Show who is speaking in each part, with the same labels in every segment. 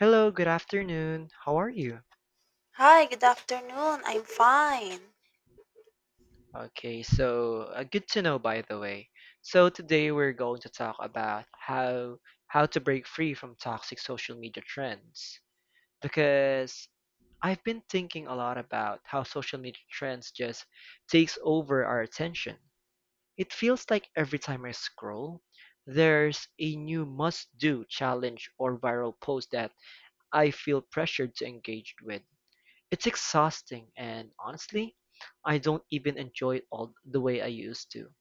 Speaker 1: Hello, good afternoon. How are you?
Speaker 2: Hi, good afternoon. I'm fine.
Speaker 1: Okay, so good to know by the way. So today we're going to talk about how to break free from toxic social media trends because I've been thinking a lot about how social media trends just takes over our attention. It feels like every time I scroll, there's a new must-do challenge or viral post that I feel pressured to engage with. It's exhausting and honestly, I don't even enjoy it all the way I used to.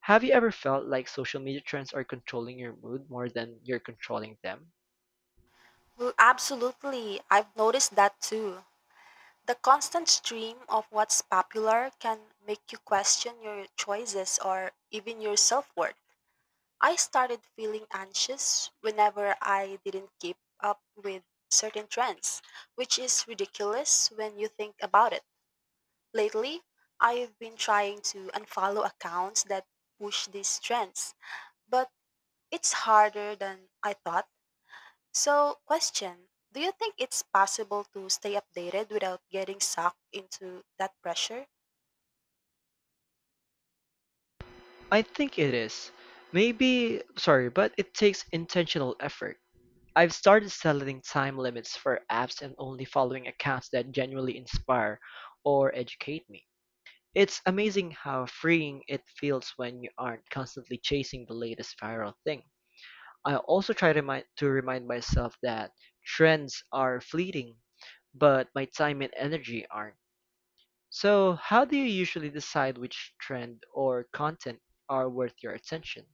Speaker 1: Have you ever felt like social media trends are controlling your mood more than you're controlling them?
Speaker 2: Well, absolutely. I've noticed that too. The constant stream of what's popular can make you question your choices or even your self worth. I started feeling anxious whenever I didn't keep up with certain trends, which is ridiculous when you think about it. Lately, I've been trying to unfollow accounts that push these trends, but it's harder than I thought. So, question, do you think it's possible to stay updated without getting sucked into that pressure?
Speaker 1: I think it is. Maybe, sorry, but it takes intentional effort. I've started setting time limits for apps and only following accounts that genuinely inspire or educate me. It's amazing how freeing it feels when you aren't constantly chasing the latest viral thing. I also try to remind myself that trends are fleeting, but my time and energy aren't. So, how do you usually decide which trend or content are worth your attention?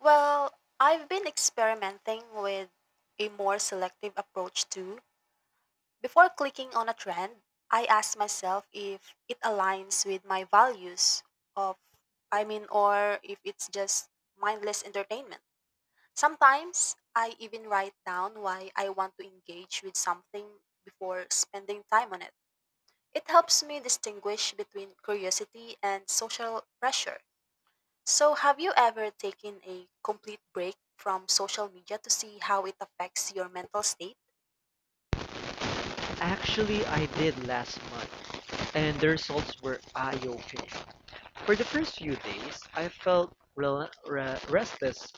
Speaker 2: Well, I've been experimenting with a more selective approach too. Before clicking on a trend, I ask myself if it aligns with my values of, I mean, or if it's just mindless entertainment. Sometimes I even write down why I want to engage with something before spending time on it. It helps me distinguish between curiosity and social pressure. So, have you ever taken a complete break from social media to see how it affects your mental state?
Speaker 1: Actually, I did last month, and the results were eye opening. For the first few days, I felt restless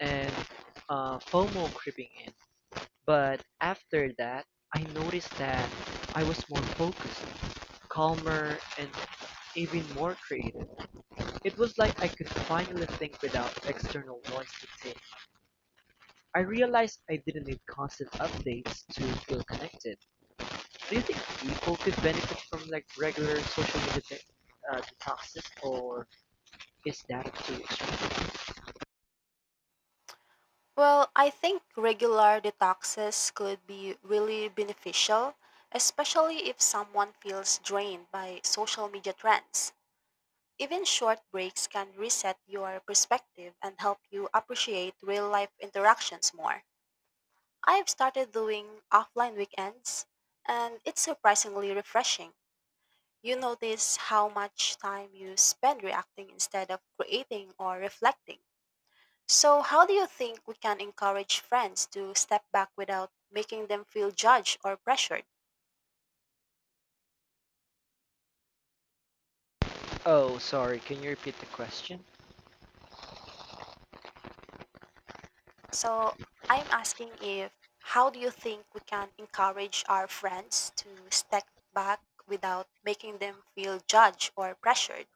Speaker 1: and FOMO creeping in. But after that, I noticed that I was more focused, calmer, and even more creative. It was like I could finally think without external noise dictating. I realized I didn't need constant updates to feel connected. Do you think people could benefit from like regular social media detoxes, or is that too extreme?
Speaker 2: Well, I think regular detoxes could be really beneficial, especially if someone feels drained by social media trends. Even short breaks can reset your perspective and help you appreciate real life interactions more. I've started doing offline weekends, and it's surprisingly refreshing. You notice how much time you spend reacting instead of creating or reflecting. So, how do you think we can encourage friends to step back without making them feel judged or pressured?
Speaker 1: Oh, sorry, can you repeat the question?
Speaker 2: So, I'm asking if how do you think we can encourage our friends to step back without making them feel judged or pressured?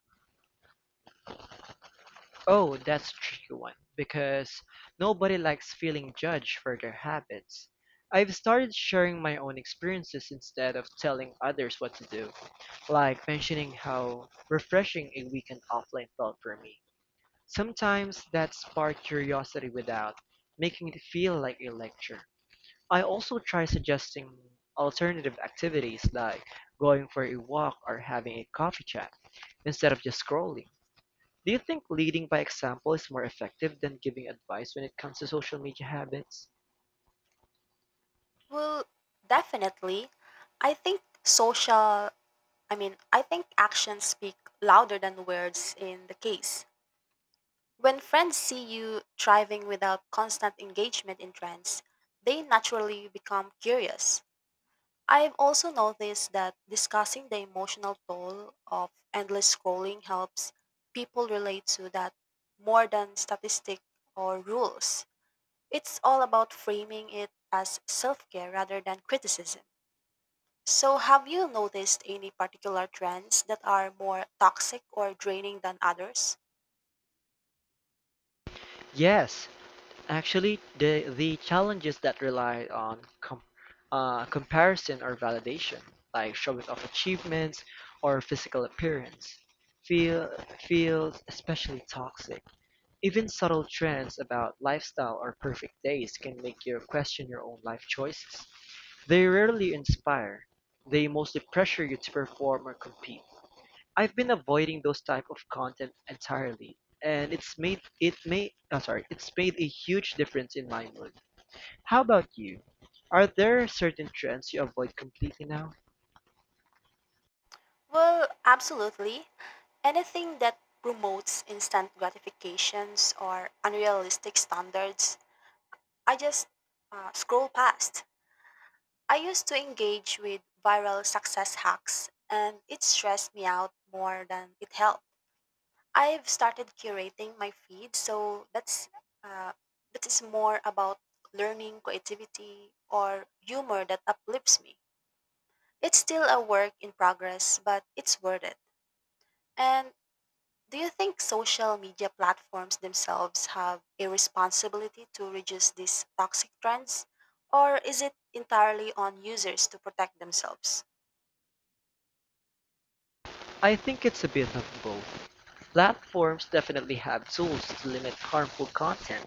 Speaker 1: Oh, that's a tricky one because nobody likes feeling judged for their habits. I've started sharing my own experiences instead of telling others what to do, like mentioning how refreshing a weekend offline felt for me. Sometimes that sparked curiosity without making it feel like a lecture. I also try suggesting alternative activities like going for a walk or having a coffee chat instead of just scrolling. Do you think leading by example is more effective than giving advice when it comes to social media habits?
Speaker 2: Well, definitely. I think social, I mean, I think actions speak louder than words in the case. When friends see you thriving without constant engagement in trends, they naturally become curious. I've also noticed that discussing the emotional toll of endless scrolling helps people relate to that more than statistics or rules. It's all about framing it as self care rather than criticism. So, have you noticed any particular trends that are more toxic or draining than others?
Speaker 1: Yes. Actually, the challenges that rely on comparison or validation, like showing off achievements or physical appearance, feel feels especially toxic. Even subtle trends about lifestyle or perfect days can make you question your own life choices. They rarely inspire. They mostly pressure you to perform or compete. I've been avoiding those type of content entirely, and it's made it may oh, sorry, it's made a huge difference in my mood. How about you? Are there certain trends you avoid completely now?
Speaker 2: Well, absolutely. Anything that promotes instant gratifications or unrealistic standards, I just scroll past. I used to engage with viral success hacks, and it stressed me out more than it helped. I've started curating my feed, so uh, that is more about learning, creativity, or humor that uplifts me. It's still a work in progress, but it's worth it. And do you think social media platforms themselves have a responsibility to reduce these toxic trends, or is it entirely on users to protect themselves?
Speaker 1: I think it's a bit of both. Platforms definitely have tools to limit harmful content,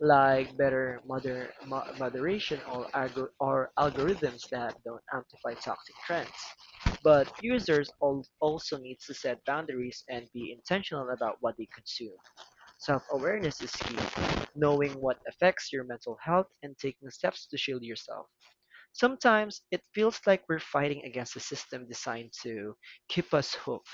Speaker 1: like better moderation or, algorithms that don't amplify toxic trends. But users also need to set boundaries and be intentional about what they consume. Self-awareness is key. Knowing what affects your mental health and taking steps to shield yourself. Sometimes it feels like we're fighting against a system designed to keep us hooked.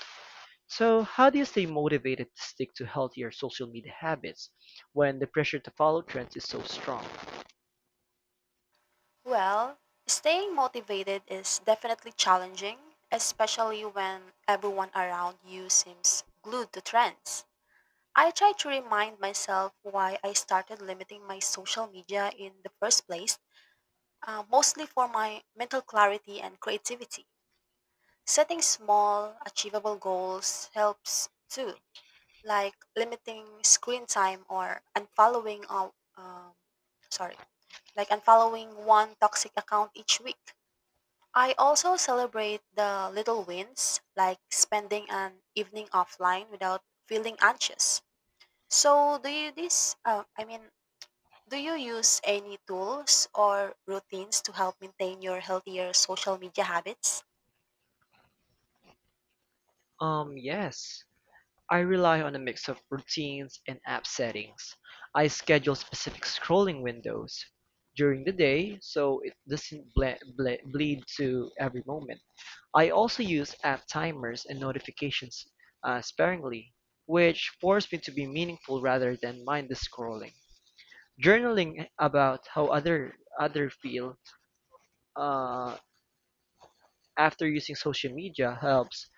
Speaker 1: So, how do you stay motivated to stick to healthier social media habits when the pressure to follow trends is so strong?
Speaker 2: Well, staying motivated is definitely challenging, especially when everyone around you seems glued to trends. I try to remind myself why I started limiting my social media in the first place, mostly for my mental clarity and creativity. Setting small, achievable goals helps too, like limiting screen time or unfollowing, um, sorry, like unfollowing one toxic account each week. I also celebrate the little wins, like spending an evening offline without feeling anxious. So, do you this? I mean, do you use any tools or routines to help maintain your healthier social media habits?
Speaker 1: Yes. I rely on a mix of routines and app settings. I schedule specific scrolling windows during the day so it doesn't bleed to every moment. I also use app timers and notifications sparingly, which force me to be meaningful rather than mindless scrolling. Journaling about how other feel uh, after using social media helps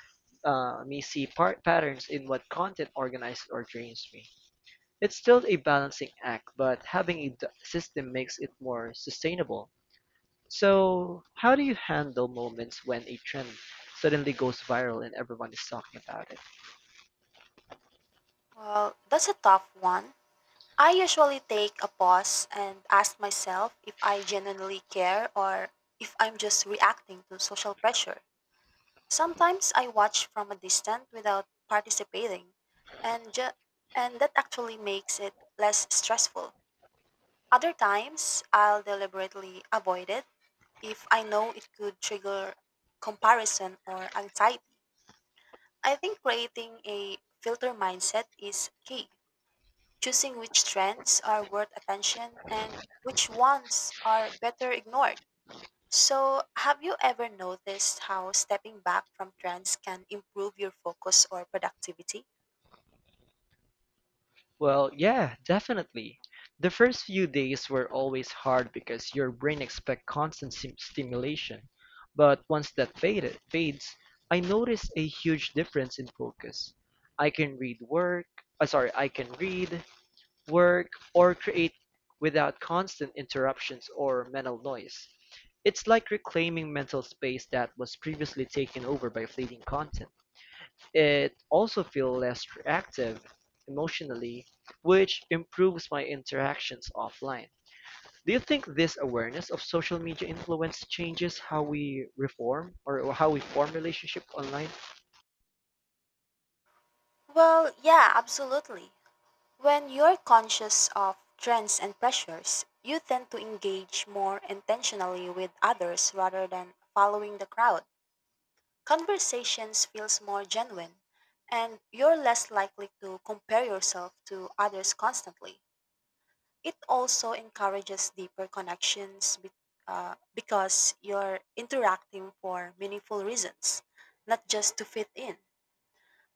Speaker 1: me see patterns in what content organizes or drains me. It's still a balancing act, but having a system makes it more sustainable. So, how do you handle moments when a trend suddenly goes viral and everyone is talking about it?
Speaker 2: Well, that's a tough one. I usually take a pause and ask myself if I genuinely care or if I'm just reacting to social pressure. Sometimes I watch from a distance without participating, and ju- and that actually makes it less stressful. Other times, I'll deliberately avoid it if I know it could trigger comparison or anxiety. I think creating a filter mindset is key. Choosing which trends are worth attention and which ones are better ignored. So, have you ever noticed how stepping back from trends can improve your focus or productivity?
Speaker 1: Well, yeah, definitely. The first few days were always hard because your brain expects constant stimulation. But once that fades, I noticed a huge difference in focus. I can read work, I can read, work, or create without constant interruptions or mental noise. It's like reclaiming mental space that was previously taken over by fleeting content. It also feels less reactive emotionally, which improves my interactions offline. Do you think this awareness of social media influence changes how we form relationships online?
Speaker 2: Well, yeah, absolutely. When you're conscious of trends and pressures, you tend to engage more intentionally with others rather than following the crowd. Conversations feels more genuine, and you're less likely to compare yourself to others constantly. It also encourages deeper connections because you're interacting for meaningful reasons, not just to fit in.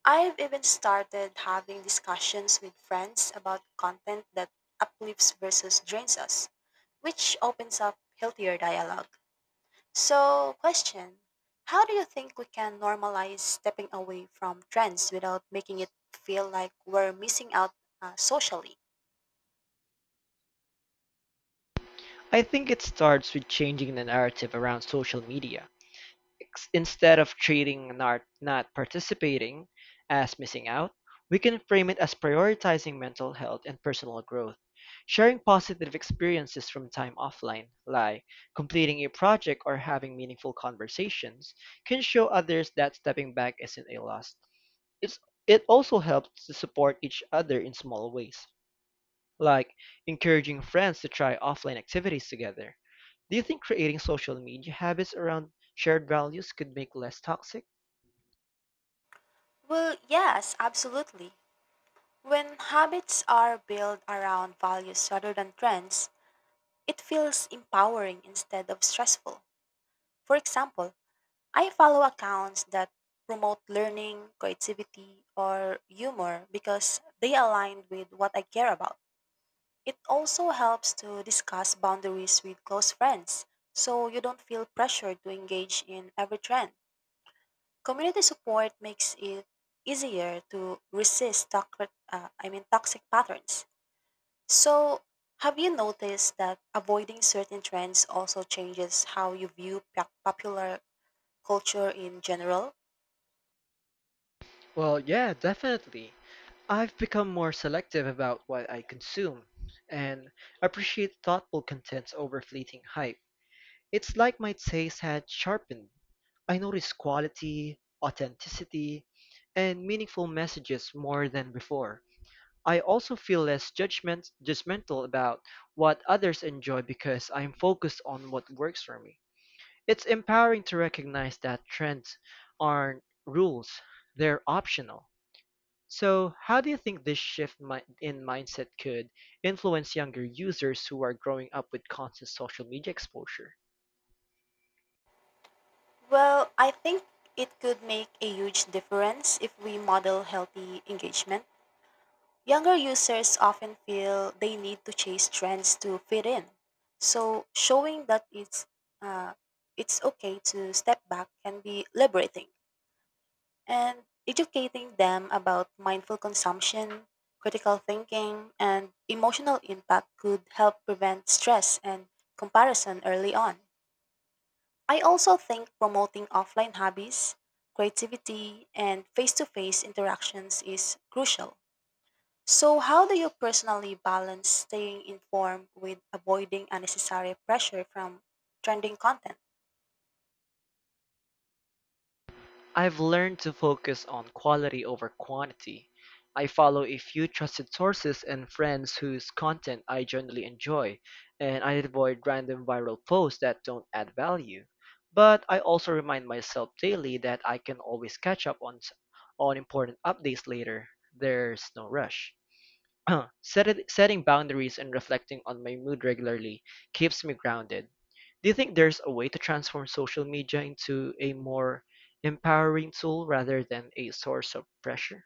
Speaker 2: I've even started having discussions with friends about content that uplifts versus drains us, which opens up healthier dialogue. So, question, how do you think we can normalize stepping away from trends without making it feel like we're missing out socially?
Speaker 1: I think it starts with changing the narrative around social media. Instead of treating not participating as missing out, we can frame it as prioritizing mental health and personal growth. Sharing positive experiences from time offline, like completing a project or having meaningful conversations, can show others that stepping back isn't a loss. It's, it also helps to support each other in small ways like encouraging friends to try offline activities together. Do you think creating social media habits around shared values could make less toxic?
Speaker 2: Well, yes, absolutely. When habits are built around values rather than trends, it feels empowering instead of stressful. For example, I follow accounts that promote learning, creativity, or humor because they align with what I care about. It also helps to discuss boundaries with close friends so you don't feel pressured to engage in every trend. Community support makes it easier to resist toxic, I mean toxic patterns. So, have you noticed that avoiding certain trends also changes how you view popular culture in general?
Speaker 1: Well, yeah, definitely. I've become more selective about what I consume and appreciate thoughtful content over fleeting hype. It's like my taste had sharpened. I notice quality, authenticity, and meaningful messages more than before. I also feel judgmental about what others enjoy because I'm focused on what works for me. It's empowering to recognize that trends aren't rules, they're optional. So, how do you think this shift in mindset could influence younger users who are growing up with constant social media exposure?
Speaker 2: Well, I think it could make a huge difference if we model healthy engagement. Younger users often feel they need to chase trends to fit in. So, showing that uh, it's okay to step back can be liberating. And educating them about mindful consumption, critical thinking, and emotional impact could help prevent stress and comparison early on. I also think promoting offline hobbies, creativity, and face to face interactions is crucial. So, how do you personally balance staying informed with avoiding unnecessary pressure from trending content?
Speaker 1: I've learned to focus on quality over quantity. I follow a few trusted sources and friends whose content I generally enjoy, and I avoid random viral posts that don't add value. But I also remind myself daily that I can always catch up on important updates later. There's no rush. Setting boundaries and reflecting on my mood regularly keeps me grounded. Do you think there's a way to transform social media into a more empowering tool rather than a source of pressure?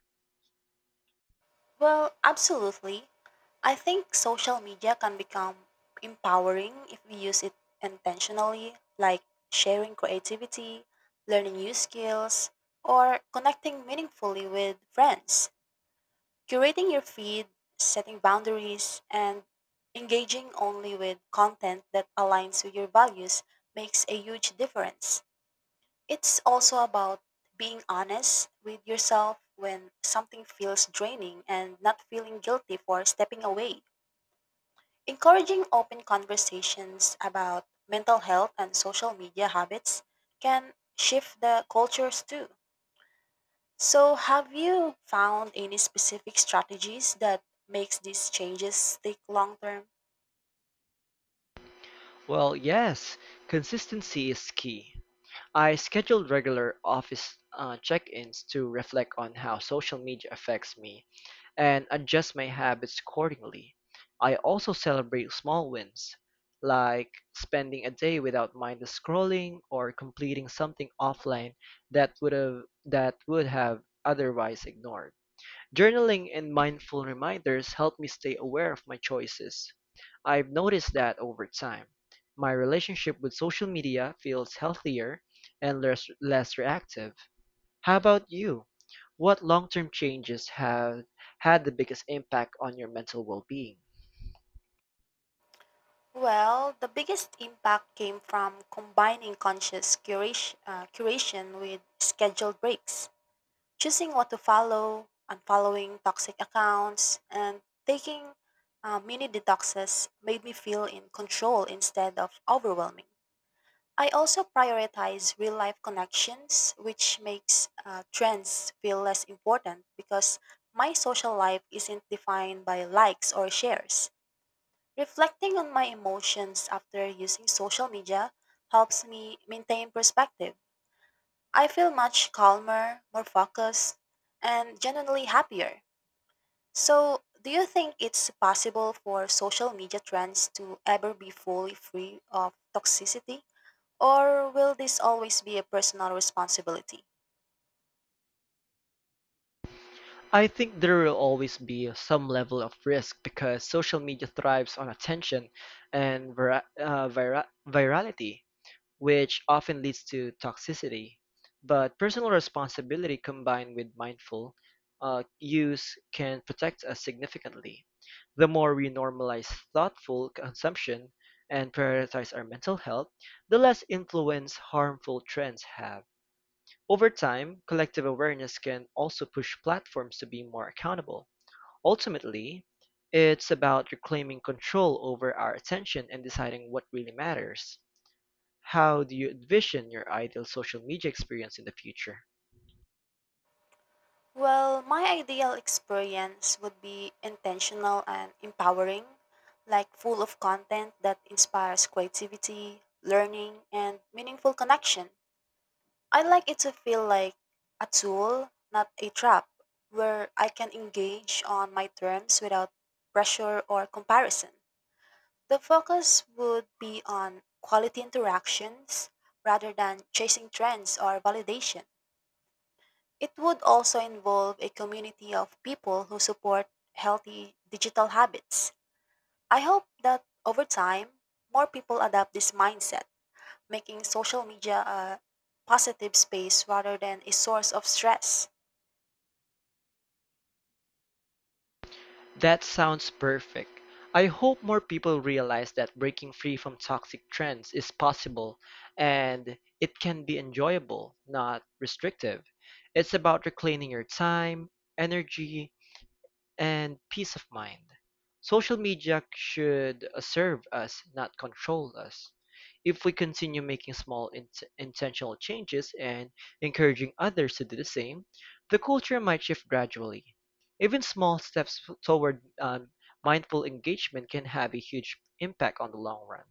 Speaker 2: Well, absolutely. I think social media can become empowering if we use it intentionally, like sharing creativity, learning new skills, or connecting meaningfully with friends. Curating your feed, setting boundaries, and engaging only with content that aligns with your values makes a huge difference. It's also about being honest with yourself when something feels draining and not feeling guilty for stepping away. Encouraging open conversations about mental health and social media habits can shift the cultures too. So, have you found any specific strategies that makes these changes stick long term?
Speaker 1: Well, yes, consistency is key. I schedule regular office check-ins to reflect on how social media affects me and adjust my habits accordingly. I also celebrate small wins, like spending a day without mindless scrolling or completing something offline that would have otherwise ignored. Journaling and mindful reminders help me stay aware of my choices. I've noticed that over time, my relationship with social media feels healthier and less reactive. How about you? What long term changes have had the biggest impact on your mental well being?
Speaker 2: Well, the biggest impact came from combining conscious curation with scheduled breaks. Choosing what to follow, unfollowing toxic accounts, and taking mini detoxes made me feel in control instead of overwhelming. I also prioritize real life connections, which makes trends feel less important because my social life isn't defined by likes or shares. Reflecting on my emotions after using social media helps me maintain perspective. I feel much calmer, more focused, and genuinely happier. So, do you think it's possible for social media trends to ever be fully free of toxicity? Or will this always be a personal responsibility?
Speaker 1: I think there will always be some level of risk because social media thrives on attention and virality, which often leads to toxicity. But personal responsibility combined with mindful use can protect us significantly. The more we normalize thoughtful consumption and prioritize our mental health, the less influence harmful trends have. Over time, collective awareness can also push platforms to be more accountable. Ultimately, it's about reclaiming control over our attention and deciding what really matters. How do you envision your ideal social media experience in the future?
Speaker 2: Well, my ideal experience would be intentional and empowering, like full of content that inspires creativity, learning, and meaningful connection. I like it to feel like a tool, not a trap, where I can engage on my terms without pressure or comparison. The focus would be on quality interactions rather than chasing trends or validation. It would also involve a community of people who support healthy digital habits. I hope that over time, more people adopt this mindset, making social media a positive space rather than a source of stress.
Speaker 1: That sounds perfect. I hope more people realize that breaking free from toxic trends is possible and it can be enjoyable, not restrictive. It's about reclaiming your time, energy, and peace of mind. Social media should serve us, not control us. If we continue making small intentional changes and encouraging others to do the same, the culture might shift gradually. Even small steps toward mindful engagement can have a huge impact on the long run.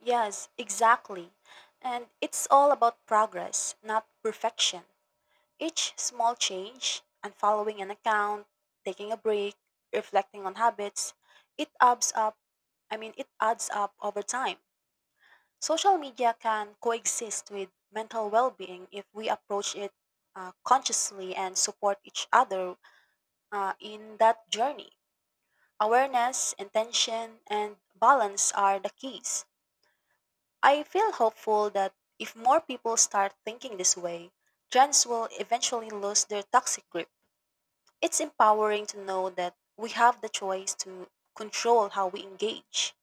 Speaker 2: Yes, exactly. And it's all about progress, not perfection. Each small change, unfollowing an account, taking a break, reflecting on habits, it adds up. it adds up over time. Social media can coexist with mental well being if we approach it consciously and support each other in that journey. Awareness, intention, and balance are the keys. I feel hopeful that if more people start thinking this way, trends will eventually lose their toxic grip. It's empowering to know that we have the choice to control how we engage.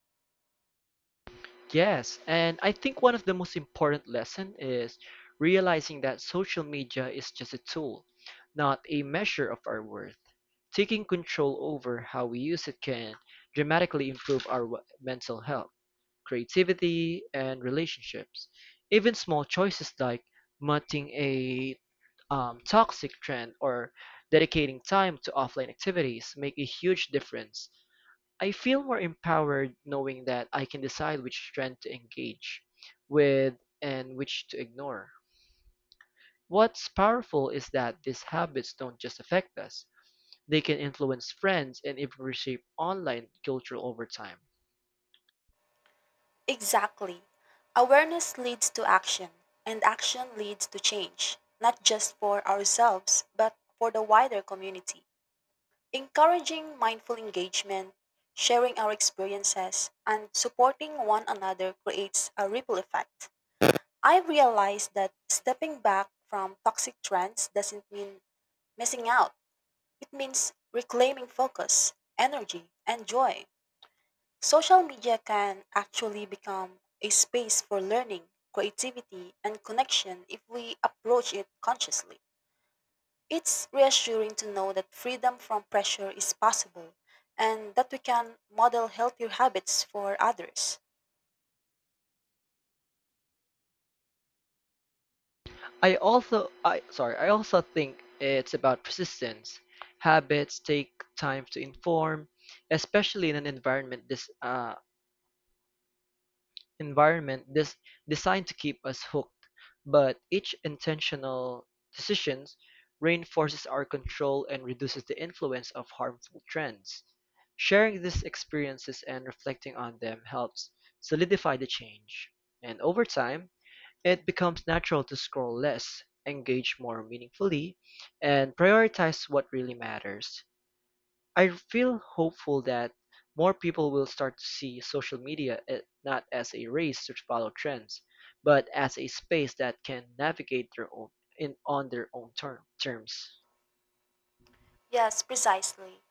Speaker 1: Yes, and I think one of the most important lesson is realizing that social media is just a tool, not a measure of our worth. Taking control over how we use it can dramatically improve our mental health, creativity, and relationships. Even small choices like muting a toxic trend or dedicating time to offline activities make a huge difference. I feel more empowered knowing that I can decide which trend to engage with and which to ignore. What's powerful is that these habits don't just affect us, they can influence friends and even reshape online culture over time.
Speaker 2: Exactly. Awareness leads to action, and action leads to change, not just for ourselves, but for the wider community. Encouraging mindful engagement, sharing our experiences, and supporting one another creates a ripple effect. I realized that stepping back from toxic trends doesn't mean missing out. It means reclaiming focus, energy, and joy. Social media can actually become a space for learning, creativity, and connection if we approach it consciously. It's reassuring to know that freedom from pressure is possible and that we can model healthier habits for others.
Speaker 1: I also think it's about persistence. Habits take time to inform, especially in an environment this environment dis designed to keep us hooked, but each intentional decision reinforces our control and reduces the influence of harmful trends. Sharing these experiences and reflecting on them helps solidify the change. And over time, it becomes natural to scroll less, engage more meaningfully, and prioritize what really matters. I feel hopeful that more people will start to see social media not as a race to follow trends, but as a space that can navigate their own in on their own terms.
Speaker 2: Yes, precisely.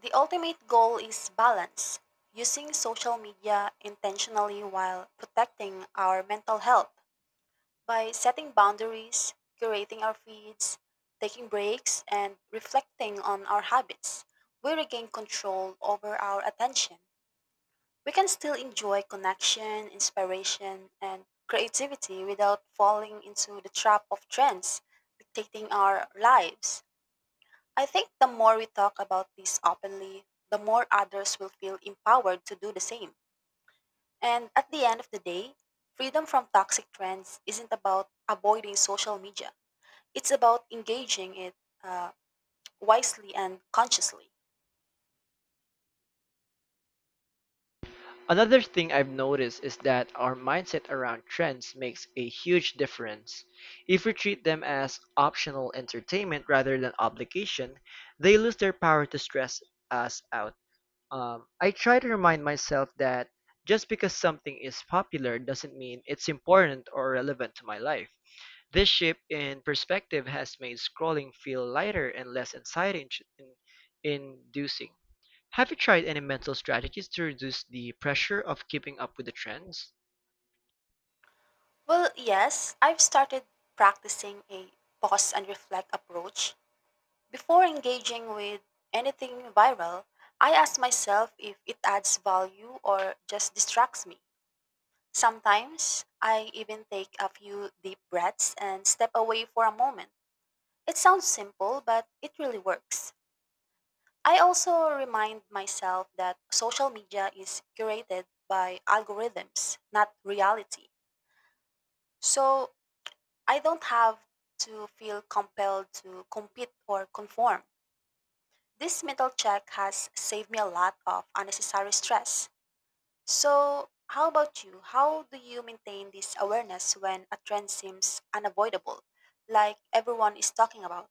Speaker 2: The ultimate goal is balance, using social media intentionally while protecting our mental health by setting boundaries, curating our feeds, taking breaks, and reflecting on our habits. We regain control over our attention. We can still enjoy connection, inspiration, and creativity without falling into the trap of trends dictating our lives. I think the more we talk about this openly, the more others will feel empowered to do the same. And at the end of the day, freedom from toxic trends isn't about avoiding social media, it's about engaging it uh, wisely and consciously.
Speaker 1: Another thing I've noticed is that our mindset around trends makes a huge difference. If we treat them as optional entertainment rather than obligation, they lose their power to stress us out. I try to remind myself that just because something is popular doesn't mean it's important or relevant to my life. This shift in perspective has made scrolling feel lighter and less inducing. Have you tried any mental strategies to reduce the pressure of keeping up with the trends?
Speaker 2: Well, yes, I've started practicing a pause and reflect approach. Before engaging with anything viral, I ask myself if it adds value or just distracts me. Sometimes I even take a few deep breaths and step away for a moment. It sounds simple, but it really works. I also remind myself that social media is curated by algorithms, not reality. So I don't have to feel compelled to compete or conform. This mental check has saved me a lot of unnecessary stress. So, how about you? How do you maintain this awareness when a trend seems unavoidable, like everyone is talking about?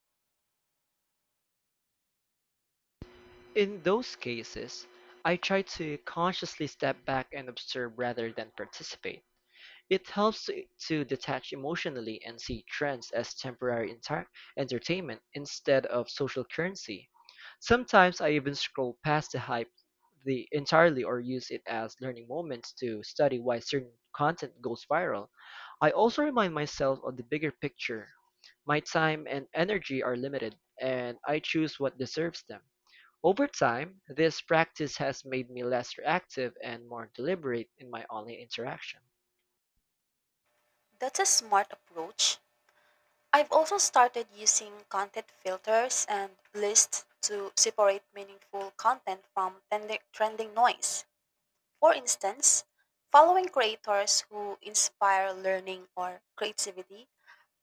Speaker 1: In those cases, I try to consciously step back and observe rather than participate. It helps to detach emotionally and see trends as temporary entertainment instead of social currency. Sometimes I even scroll past the hype the entirely or use it as learning moments to study why certain content goes viral. I also remind myself of the bigger picture. My time and energy are limited, and I choose what deserves them. Over time, this practice has made me less reactive and more deliberate in my online interaction.
Speaker 2: That's a smart approach. I've also started using content filters and lists to separate meaningful content from trending noise. For instance, following creators who inspire learning or creativity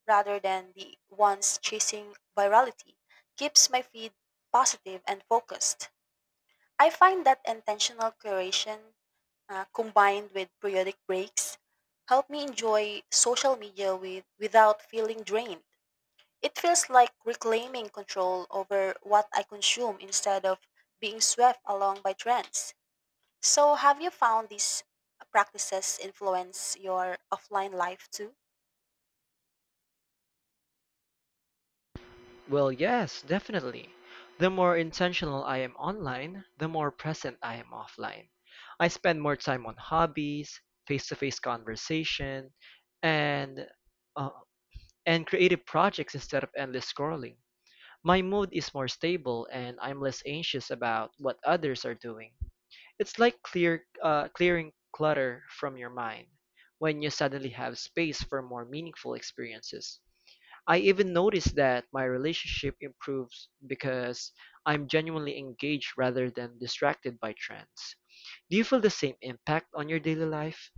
Speaker 2: rather than the ones chasing virality keeps my feed positive and focused. I find that intentional curation combined with periodic breaks help me enjoy social media without feeling drained. It feels like reclaiming control over what I consume instead of being swept along by trends. So, have you found these practices influence your offline life too?
Speaker 1: Well, yes, definitely. The more intentional I am online, the more present I am offline. I spend more time on hobbies, face-to-face conversation, and uh, and creative projects instead of endless scrolling. My mood is more stable, and I'm less anxious about what others are doing. It's like clearing clutter from your mind when you suddenly have space for more meaningful experiences. I even notice that my relationship improves because I'm genuinely engaged rather than distracted by trends. Do you feel the same impact on your daily life?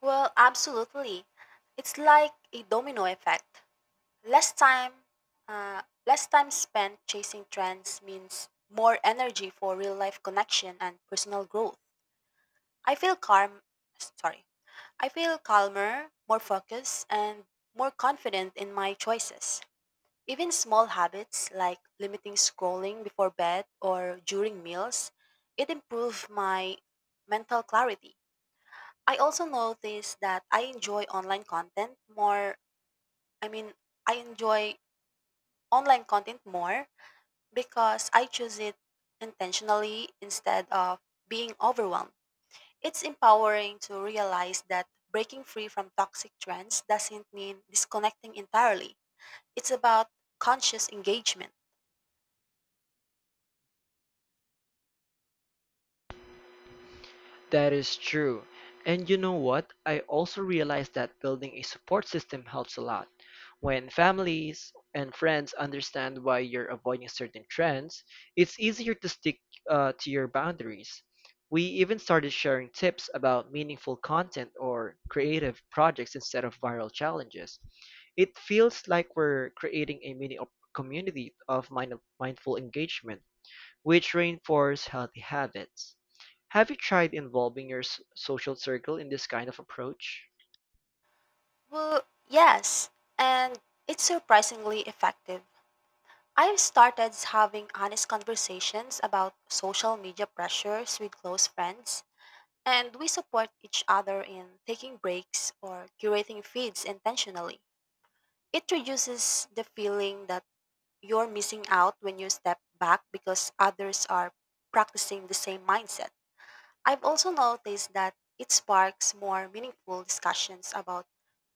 Speaker 2: Well, absolutely. It's like a domino effect. Less time, less time spent chasing trends means more energy for real life connection and personal growth. I feel calm. Sorry, I feel calmer, more focused, and more confident in my choices. Even small habits like limiting scrolling before bed or during meals, it improve my mental clarity. I also notice that I mean, I enjoy online content more because I choose it intentionally instead of being overwhelmed. It's empowering to realize that breaking free from toxic trends doesn't mean disconnecting entirely. It's about conscious engagement.
Speaker 1: That is true. And you know what? I also realized that building a support system helps a lot. When families and friends understand why you're avoiding certain trends, it's easier to stick to your boundaries. We even started sharing tips about meaningful content or creative projects instead of viral challenges. It feels like we're creating a mini community of mindful engagement which reinforce healthy habits. Have you tried involving your social circle in this kind of approach?
Speaker 2: Well, yes, and it's surprisingly effective. I've started having honest conversations about social media pressures with close friends, and we support each other in taking breaks or curating feeds intentionally. It reduces the feeling that you're missing out when you step back because others are practicing the same mindset. I've also noticed that it sparks more meaningful discussions about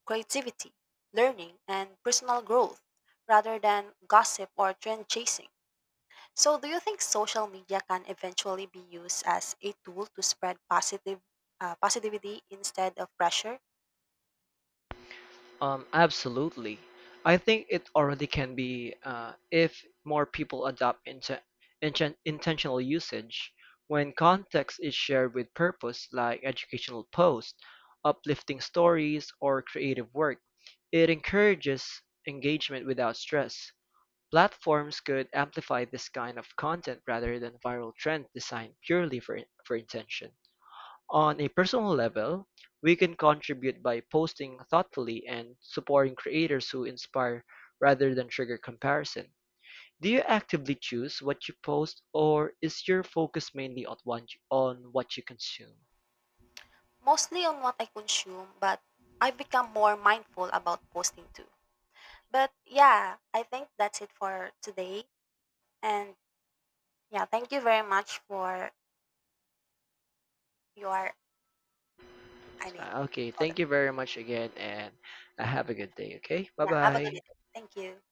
Speaker 2: creativity, learning, and personal growth rather than gossip or trend chasing. So, do you think social media can eventually be used as a tool to spread positive positivity instead of pressure?
Speaker 1: Absolutely. I think it already can be if more people adopt intentional usage. When context is shared with purpose, like educational posts, uplifting stories, or creative work, it encourages engagement without stress. Platforms could amplify this kind of content rather than viral trend designed for intention. On a personal level, we can contribute by posting thoughtfully and supporting creators who inspire rather than trigger comparison. Do you actively choose what you post or is your focus mainly on on what you consume?
Speaker 2: Mostly on what I consume, but I've become more mindful about posting too. But yeah, I think that's it for today. And yeah, thank you very much for your, I mean,
Speaker 1: Okay,
Speaker 2: hold you
Speaker 1: thank you very much again and have a good day, okay?
Speaker 2: yeah, have a good day.
Speaker 1: Bye-bye.
Speaker 2: Thank you.